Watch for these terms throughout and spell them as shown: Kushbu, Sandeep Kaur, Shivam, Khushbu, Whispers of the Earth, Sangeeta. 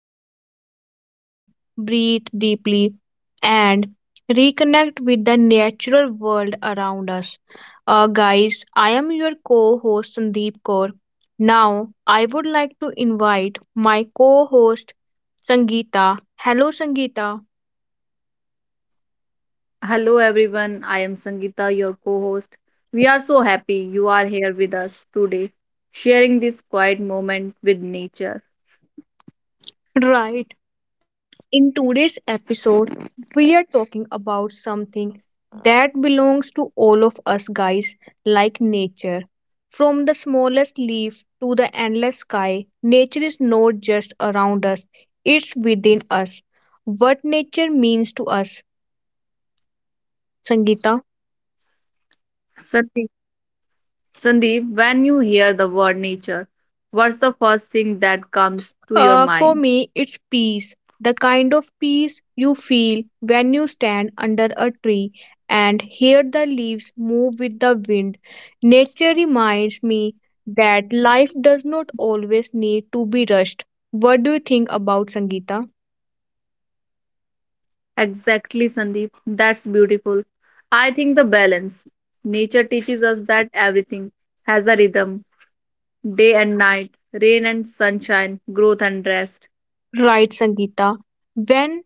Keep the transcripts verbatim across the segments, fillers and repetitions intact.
where we slow down, breathe deeply, and reconnect with the natural world around us. Uh, guys, I am your co host Sandeep Kaur. Now, I would like to invite my co host Sangeeta. Hello, Sangeeta. Hello everyone, I am Sangeeta, your co host. We are so happy you are here with us today, sharing this quiet moment with nature. Right. In today's episode, we are talking about something that belongs to all of us guys, like nature. From the smallest leaf to the endless sky, nature is not just around us, it's within us. What nature means to us, Sangeeta? Sandeep, Sandeep, when you hear the word nature, what's the first thing that comes to your mind? Uh, for me, it's peace. The kind of peace you feel when you stand under a tree and hear the leaves move with the wind. Nature reminds me that life does not always need to be rushed. What do you think about Sangeeta? Exactly, Sandeep, that's beautiful. I think the balance. Nature teaches us that everything has a rhythm, day and night, rain and sunshine, growth and rest. Right, Sangeeta. When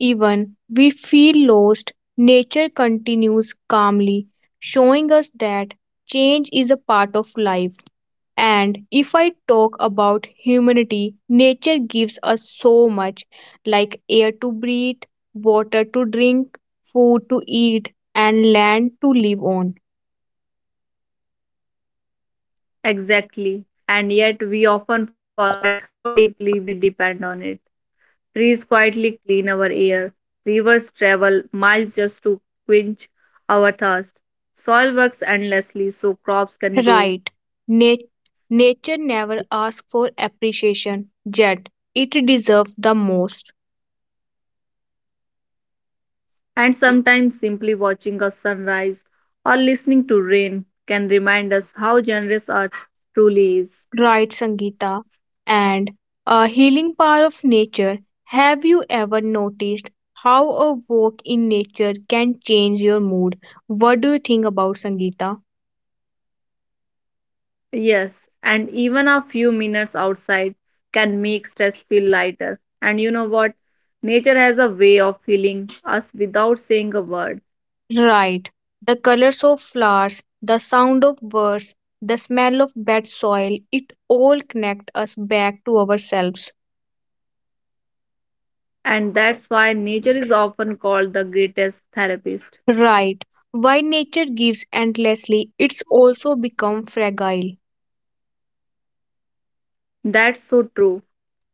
even we feel lost, nature continues calmly, showing us that change is a part of life. And if I talk about humanity, nature gives us so much like air to breathe, water to drink, food to eat, and land to live on. Exactly. And yet we often forget how deeply we depend on it. Trees quietly clean our air. Rivers travel miles just to quench our thirst. Soil works endlessly so crops can grow. Right. Nat- Nature never asks for appreciation, yet it deserves the most. And sometimes simply watching a sunrise or listening to rain can remind us how generous Earth truly is. Right, Sangeeta. And a healing power of nature. Have you ever noticed how a walk in nature can change your mood? What do you think about Sangeeta? Yes, and even a few minutes outside can make stress feel lighter. And you know what? Nature has a way of healing us without saying a word. Right. The colors of flowers, the sound of birds, the smell of bad soil, it all connect us back to ourselves. And that's why nature is often called the greatest therapist. Right. While nature gives endlessly, it's also become fragile. That's so true.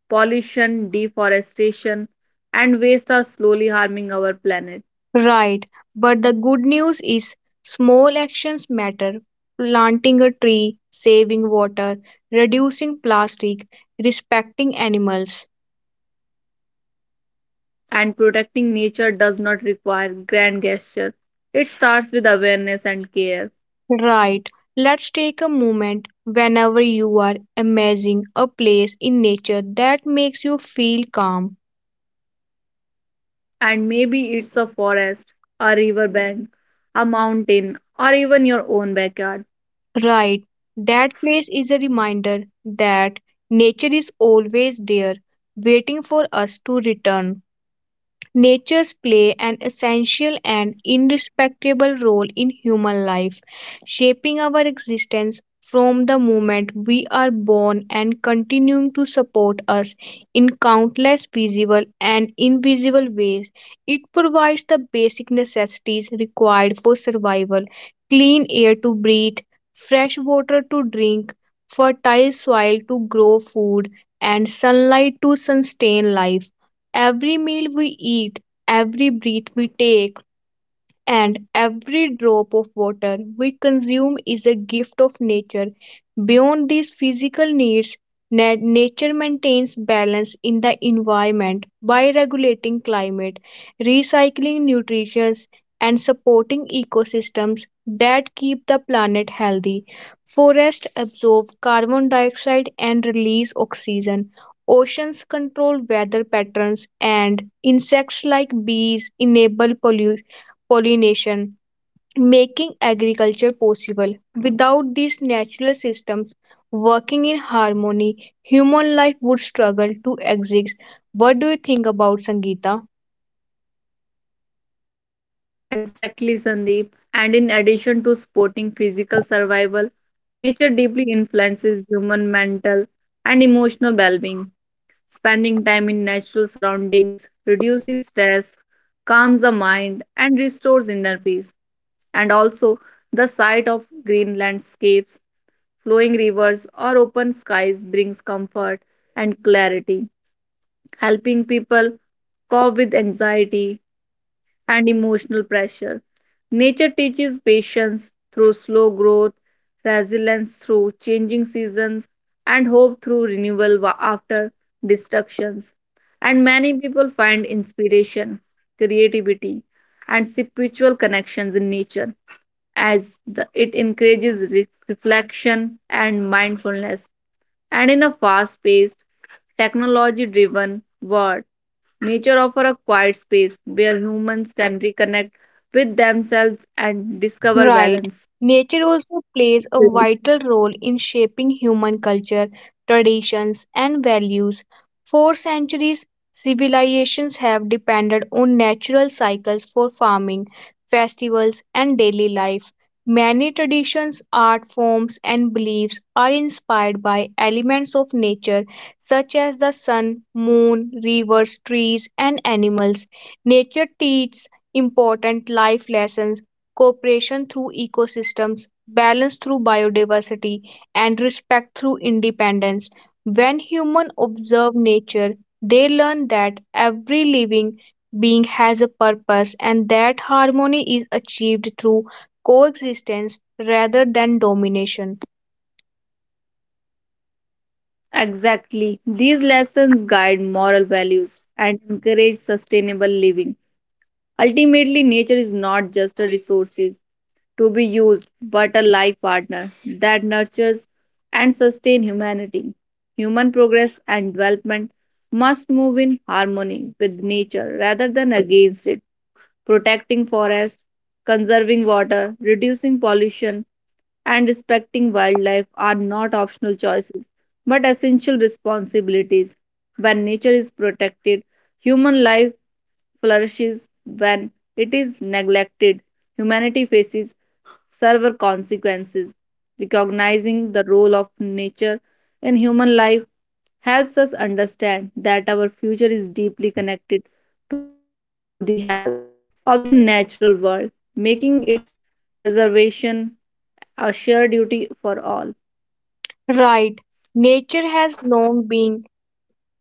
Pollution, deforestation, and waste are slowly harming our planet. Right, but the good news is small actions matter. Planting a tree, saving water, reducing plastic, respecting animals. And protecting nature does not require grand gesture. It starts with awareness and care. Right, let's take a moment whenever you are imagining a place in nature that makes you feel calm. And maybe it's a forest, a riverbank, a mountain, or even your own backyard. Right, that place is a reminder that nature is always there, waiting for us to return. Natures play an essential and indispensable role in human life, shaping our existence from the moment we are born and continuing to support us in countless visible and invisible ways. It provides the basic necessities required for survival clean air to breathe, fresh water to drink, fertile soil to grow food, and sunlight to sustain life. Every meal we eat, every breath we take, and every drop of water we consume is a gift of nature. Beyond these physical needs, na- nature maintains balance in the environment by regulating climate, recycling nutrition, and supporting ecosystems that keep the planet healthy. Forests absorb carbon dioxide and release oxygen. Oceans control weather patterns, and insects like bees enable pollu- pollination, making agriculture possible. Without these natural systems working in harmony, human life would struggle to exist. What do you think about Sangeeta? Exactly, Sandeep. And in addition to sporting physical survival, nature deeply influences human mental and emotional well being. Spending time in natural surroundings reduces stress, calms the mind, and restores inner peace, and also the sight of green landscapes, flowing rivers, or open skies brings comfort and clarity, helping people cope with anxiety and emotional pressure. Nature teaches patience through slow growth, resilience through changing seasons, and hope through renewal wa- after destructions. And many people find inspiration, creativity, and spiritual connections in nature, as the, it encourages re- reflection and mindfulness, and in a fast-paced, technology-driven world, nature offers a quiet space where humans can reconnect with themselves and discover Right. balance. Nature also plays a vital role in shaping human culture, traditions, and values. For centuries, civilizations have depended on natural cycles for farming, festivals, and daily life. Many traditions, art forms, and beliefs are inspired by elements of nature such as the sun, moon, rivers, trees, and animals. Nature teaches important life lessons cooperation through ecosystems, balance through biodiversity, and respect through independence. When humans observe nature, they learn that every living being has a purpose and that harmony is achieved through coexistence rather than domination. Exactly. These lessons guide moral values and encourage sustainable living. Ultimately, nature is not just a resource to be used, but a life partner that nurtures and sustains humanity. Human progress and development must move in harmony with nature rather than against it. Protecting forests, conserving water, reducing pollution, and respecting wildlife are not optional choices but essential responsibilities. When nature is protected, human life flourishes. When it is neglected, humanity faces server consequences. Recognizing the role of nature in human life helps us understand that our future is deeply connected to the health of the natural world, making its preservation a shared duty for all. Right, nature has long been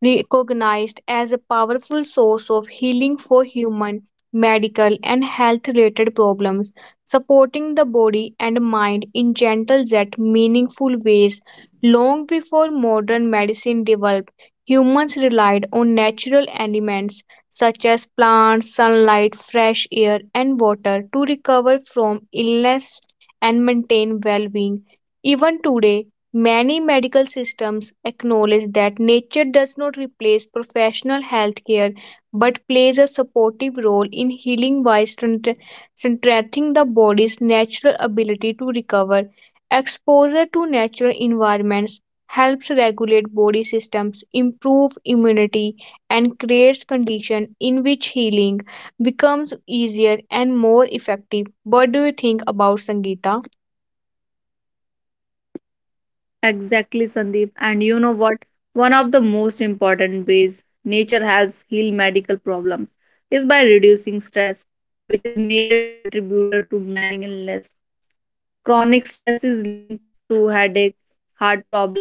recognized as a powerful source of healing for human, medical, and health related problems, supporting the body and mind in gentle yet meaningful ways. Long before modern medicine developed, humans relied on natural elements such as plants, sunlight, fresh air, and water to recover from illness and maintain well being. Even today, many medical systems acknowledge that nature does not replace professional healthcare but plays a supportive role in healing by strength- strengthening the body's natural ability to recover. Exposure to natural environments helps regulate body systems, improve immunity, and creates conditions in which healing becomes easier and more effective. What do you think about Sangeeta? Exactly, Sandeep. And you know what? One of the most important ways nature helps heal medical problems is by reducing stress, which is major contributor to many illness. Chronic stress is linked to headache, heart problem,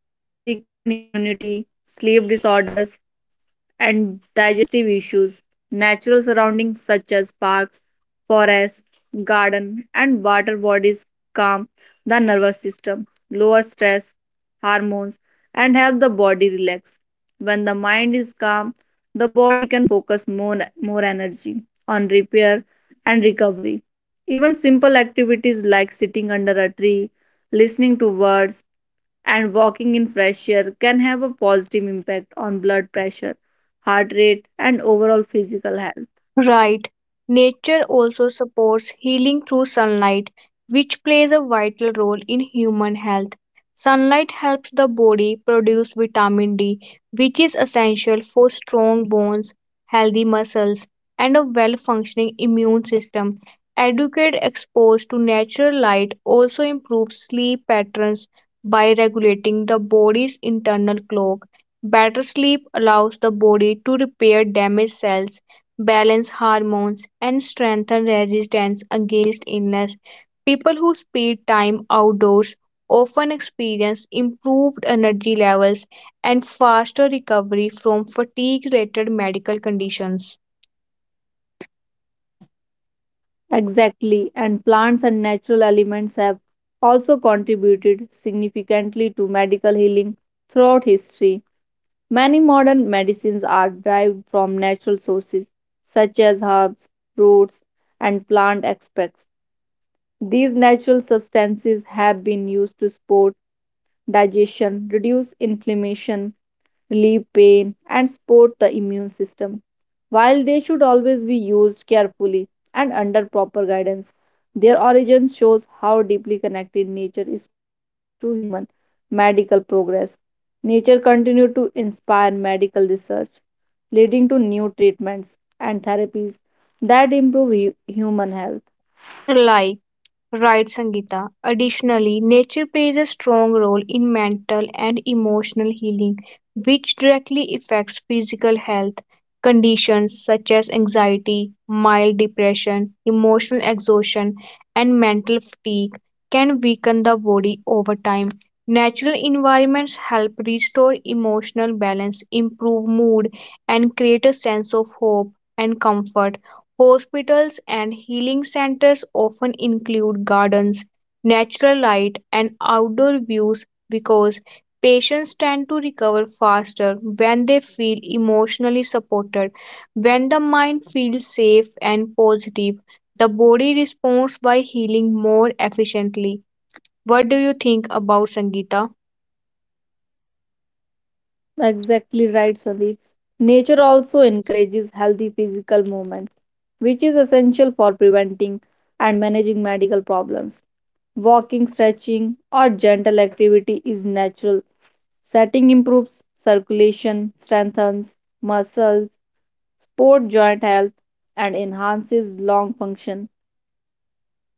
weakened immunity, sleep disorders, and digestive issues. Natural surroundings such as parks, forests, garden, and water bodies calm the nervous system, lower stress hormones, and help the body relax. When the mind is calm, the body can focus more, more energy on repair and recovery. Even simple activities like sitting under a tree, listening to birds, and walking in fresh air can have a positive impact on blood pressure, heart rate, and overall physical health. Right. Nature also supports healing through sunlight, which plays a vital role in human health. Sunlight helps the body produce vitamin D, which is essential for strong bones, healthy muscles, and a well functioning immune system. Adequate exposure to natural light also improves sleep patterns by regulating the body's internal clock. Better sleep allows the body to repair damaged cells balance hormones, and strengthen resistance against illness. People who spend time outdoors often experience improved energy levels and faster recovery from fatigue related medical conditions Exactly, and plants and natural elements have also contributed significantly to medical healing throughout history. Many modern medicines are derived from natural sources, such as herbs, roots, and plant extracts. These natural substances have been used to support digestion, reduce inflammation, relieve pain, and support the immune system. While they should always be used carefully and under proper guidance, their origin shows how deeply connected nature is to human medical progress. Nature continued to inspire medical research, leading to new treatments and therapies that improve hu- human health. like right, Sangeeta. Additionally, nature plays a strong role in mental and emotional healing, which directly affects physical health. Conditions such as anxiety, mild depression, emotional exhaustion, and mental fatigue can weaken the body over time. Natural environments help restore emotional balance, improve mood, and create a sense of hope and comfort. Hospitals and healing centers often include gardens, natural light, and outdoor views because patients tend to recover faster when they feel emotionally supported. When the mind feels safe and positive, the body responds by healing more efficiently. What do you think about Sangeeta? Exactly right, Sandeep. Nature also encourages healthy physical movement, which is essential for preventing and managing medical problems. Walking, stretching, or gentle activity is natural. Setting improves circulation, strengthens muscles, support joint health, and enhances lung function.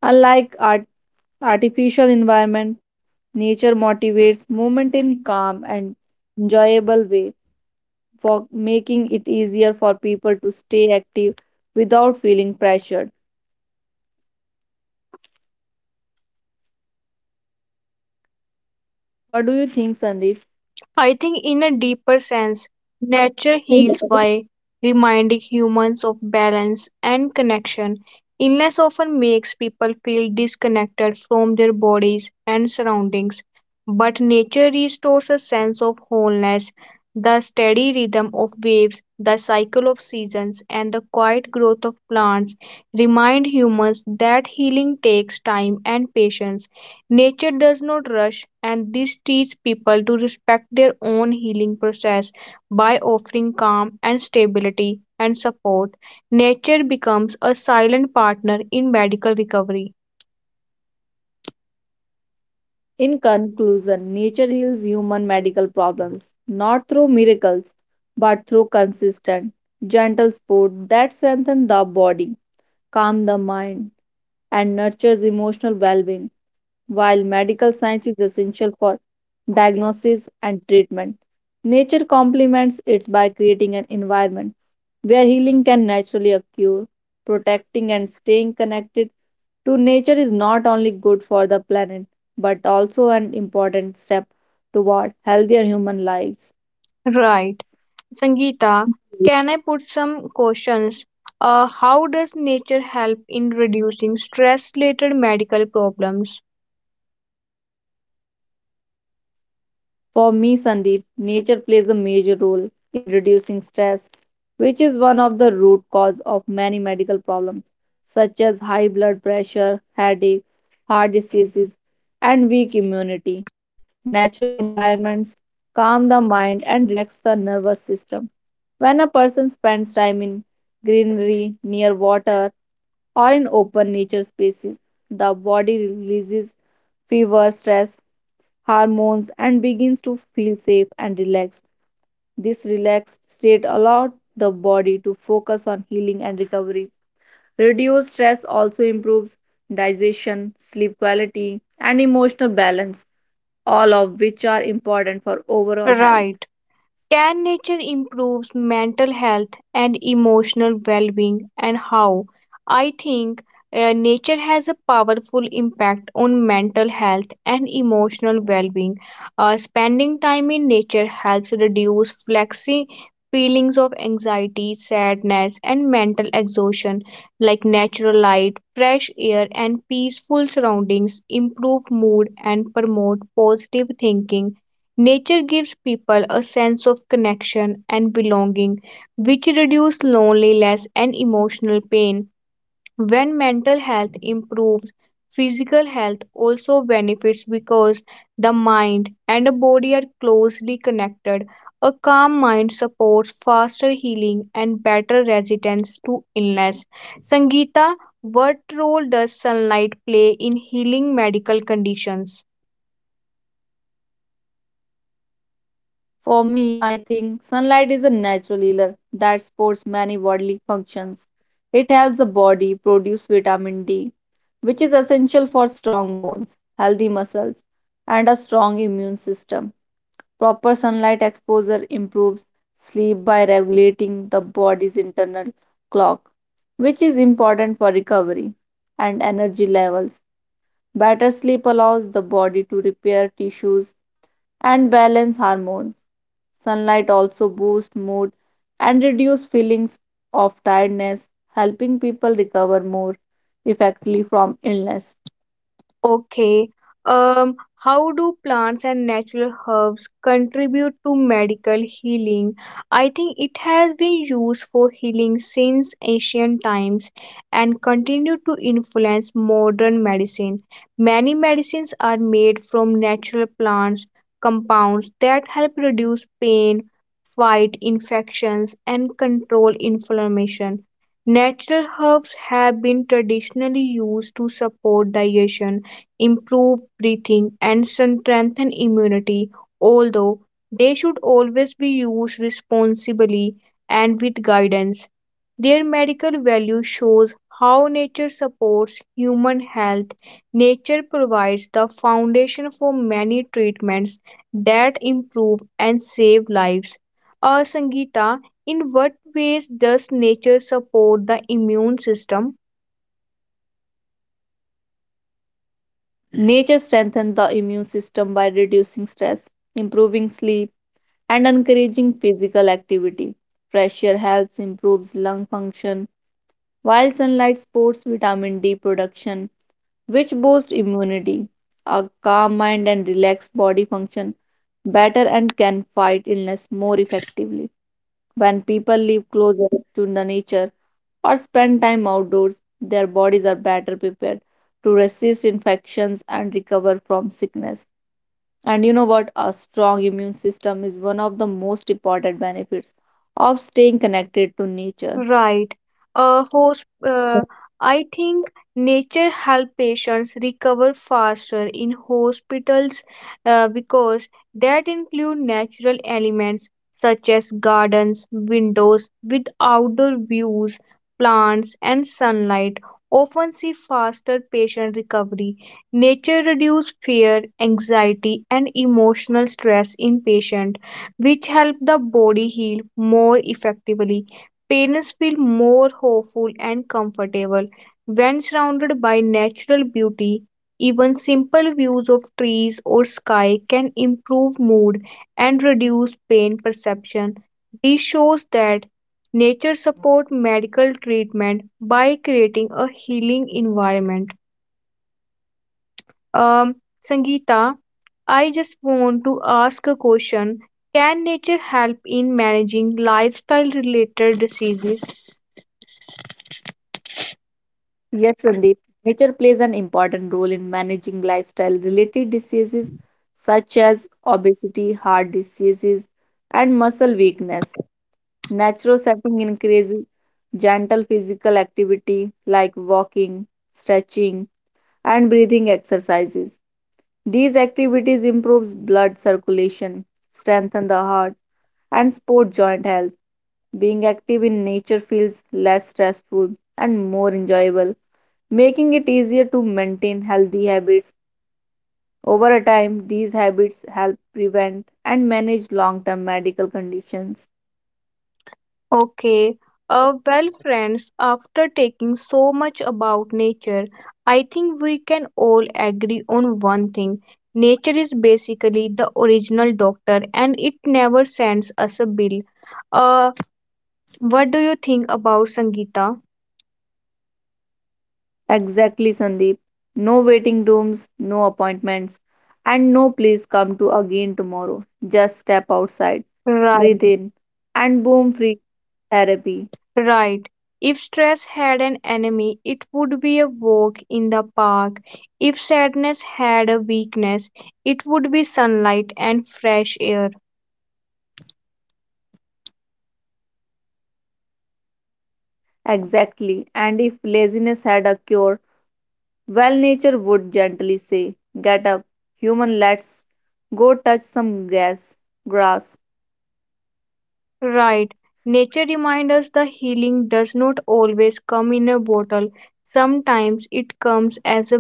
Unlike art- artificial environment, nature motivates movement in calm and enjoyable way, for making it easier for people to stay active without feeling pressured. What do you think, Sandeep? I think, in a deeper sense, nature heals by reminding humans of balance and connection. Illness often makes people feel disconnected from their bodies and surroundings, but nature restores a sense of wholeness. The steady rhythm of waves, the cycle of seasons, and the quiet growth of plants remind humans that healing takes time and patience. Nature does not rush, and this teaches people to respect their own healing process by offering calm and stability and support. Nature becomes a silent partner in medical recovery. In conclusion, nature heals human medical problems, not through miracles, but through consistent, gentle sport that strengthens the body, calms the mind, and nurtures emotional well being, while medical science is essential for diagnosis and treatment, nature complements it by creating an environment where healing can naturally occur. Protecting and staying connected to nature is not only good for the planet but also an important step toward healthier human lives. Right. Sangeeta, can I put some questions? Uh, how does nature help in reducing stress related medical problems? For me, Sandeep, nature plays a major role in reducing stress, which is one of the root cause of many medical problems, such as high blood pressure, headache, heart diseases, and weak immunity. Natural environments calm the mind and relax the nervous system. When a person spends time in greenery, near water, or in open nature spaces, the body releases fever, stress, hormones and begins to feel safe and relaxed. This relaxed state allows the body to focus on healing and recovery. Reduced stress also improves digestion, sleep quality, and emotional balance, all of which are important for overall health. Right. Can nature improve mental health and emotional well being, and how? I think uh, nature has a powerful impact on mental health and emotional well being. Uh, spending time in nature helps reduce flexi feelings of anxiety, sadness, and mental exhaustion, like natural light, fresh air, and peaceful surroundings improve mood and promote positive thinking. Nature gives people a sense of connection and belonging, which reduces loneliness and emotional pain. When mental health improves, physical health also benefits because the mind and the body are closely connected. A calm mind supports faster healing and better resistance to illness. Sangeeta, what role does sunlight play in healing medical conditions? For me, I think sunlight is a natural healer that supports many bodily functions. It helps the body produce vitamin D, which is essential for strong bones, healthy muscles, and a strong immune system. Proper sunlight exposure improves sleep by regulating the body's internal clock, which is important for recovery and energy levels. Better sleep allows the body to repair tissues and balance hormones. Sunlight also boosts mood and reduces feelings of tiredness, helping people recover more effectively from illness. Okay. Um, how do plants and natural herbs contribute to medical healing? I think it has been used for healing since ancient times and continue to influence modern medicine. Many medicines are made from natural plants compounds that help reduce pain, fight infections, and control inflammation. Natural herbs have been traditionally used to support digestion improve breathing, and strengthen immunity, although they should always be used responsibly and with guidance. Their medical value shows how nature supports human health. Nature provides the foundation for many treatments that improve and save lives. Uh, Sangeeta, in what ways does nature support the immune system? Nature strengthens the immune system by reducing stress, improving sleep, and encouraging physical activity. Fresh air helps improves lung function while sunlight supports vitamin D production, which boosts immunity. A calm mind and relaxed body function better and can fight illness more effectively. When people live closer to the nature or spend time outdoors, their bodies are better prepared to resist infections and recover from sickness. And you know what? A strong immune system is one of the most important benefits of staying connected to nature. Right. Uh, host, uh, I think nature help patients recover faster in hospitals uh, because that include natural elements such as gardens, windows with outdoor views, plants and sunlight often see faster patient recovery. Nature reduce fear, anxiety and emotional stress in patient which help the body heal more effectively. Parents feel more hopeful and comfortable when surrounded by natural beauty. Even simple views of trees or sky can improve mood and reduce pain perception. This shows that nature supports medical treatment by creating a healing environment. Um, Sangeeta, I just want to ask a question. Can nature help in managing lifestyle related diseases? Yes, Sandeep. Nature plays an important role in managing lifestyle related diseases such as obesity, heart diseases, and muscle weakness. Natural setting increases gentle physical activity like walking, stretching, and breathing exercises. These activities improves blood circulation, strengthen the heart, and support joint health. Being active in nature feels less stressful and more enjoyable, making it easier to maintain healthy habits. Over a time, these habits help prevent and manage long term medical conditions. Okay. Uh, well, friends, after taking so much about nature, I think we can all agree on one thing. Nature is basically the original doctor and it never sends us a bill. Uh, what do you think about Sangeeta? Exactly, Sandeep. No waiting rooms, no appointments, and no please come to again tomorrow. Just step outside, Right, breathe in, and boom, free therapy. right. If stress had an enemy, it would be a walk in the park. If sadness had a weakness, it would be sunlight and fresh air. Exactly. And if laziness had a cure, well, nature would gently say, get up, human, let's go touch some grass. grass. Right. Nature reminds us the healing does not always come in a bottle. Sometimes it comes as a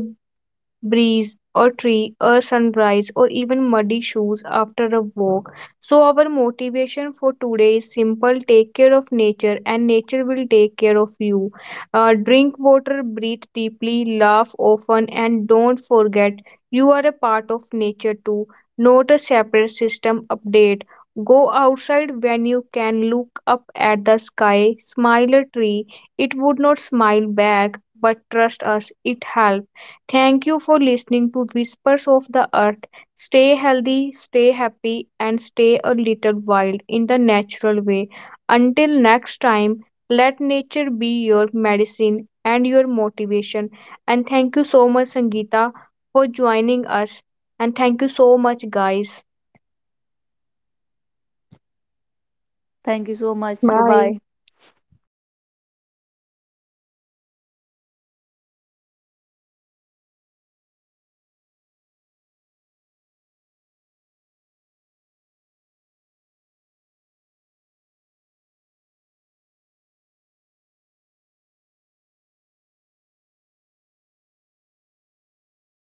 breeze, a tree, a sunrise, or even muddy shoes after a walk. So our motivation for today is simple: take care of nature and nature will take care of you. Uh, drink water, breathe deeply, laugh often, and don't forget you are a part of nature too, not a separate system update. Go outside when you can, look up at the sky, smile a tree. It would not smile back, but trust us, it helps. Thank you for listening to Whispers of the Earth. Stay healthy, stay happy, and stay a little wild in the natural way. Until next time, let nature be your medicine and your motivation. And thank you so much, Sangeeta, for joining us. And thank you so much, guys. Thank you so much. Bye bye. Bye.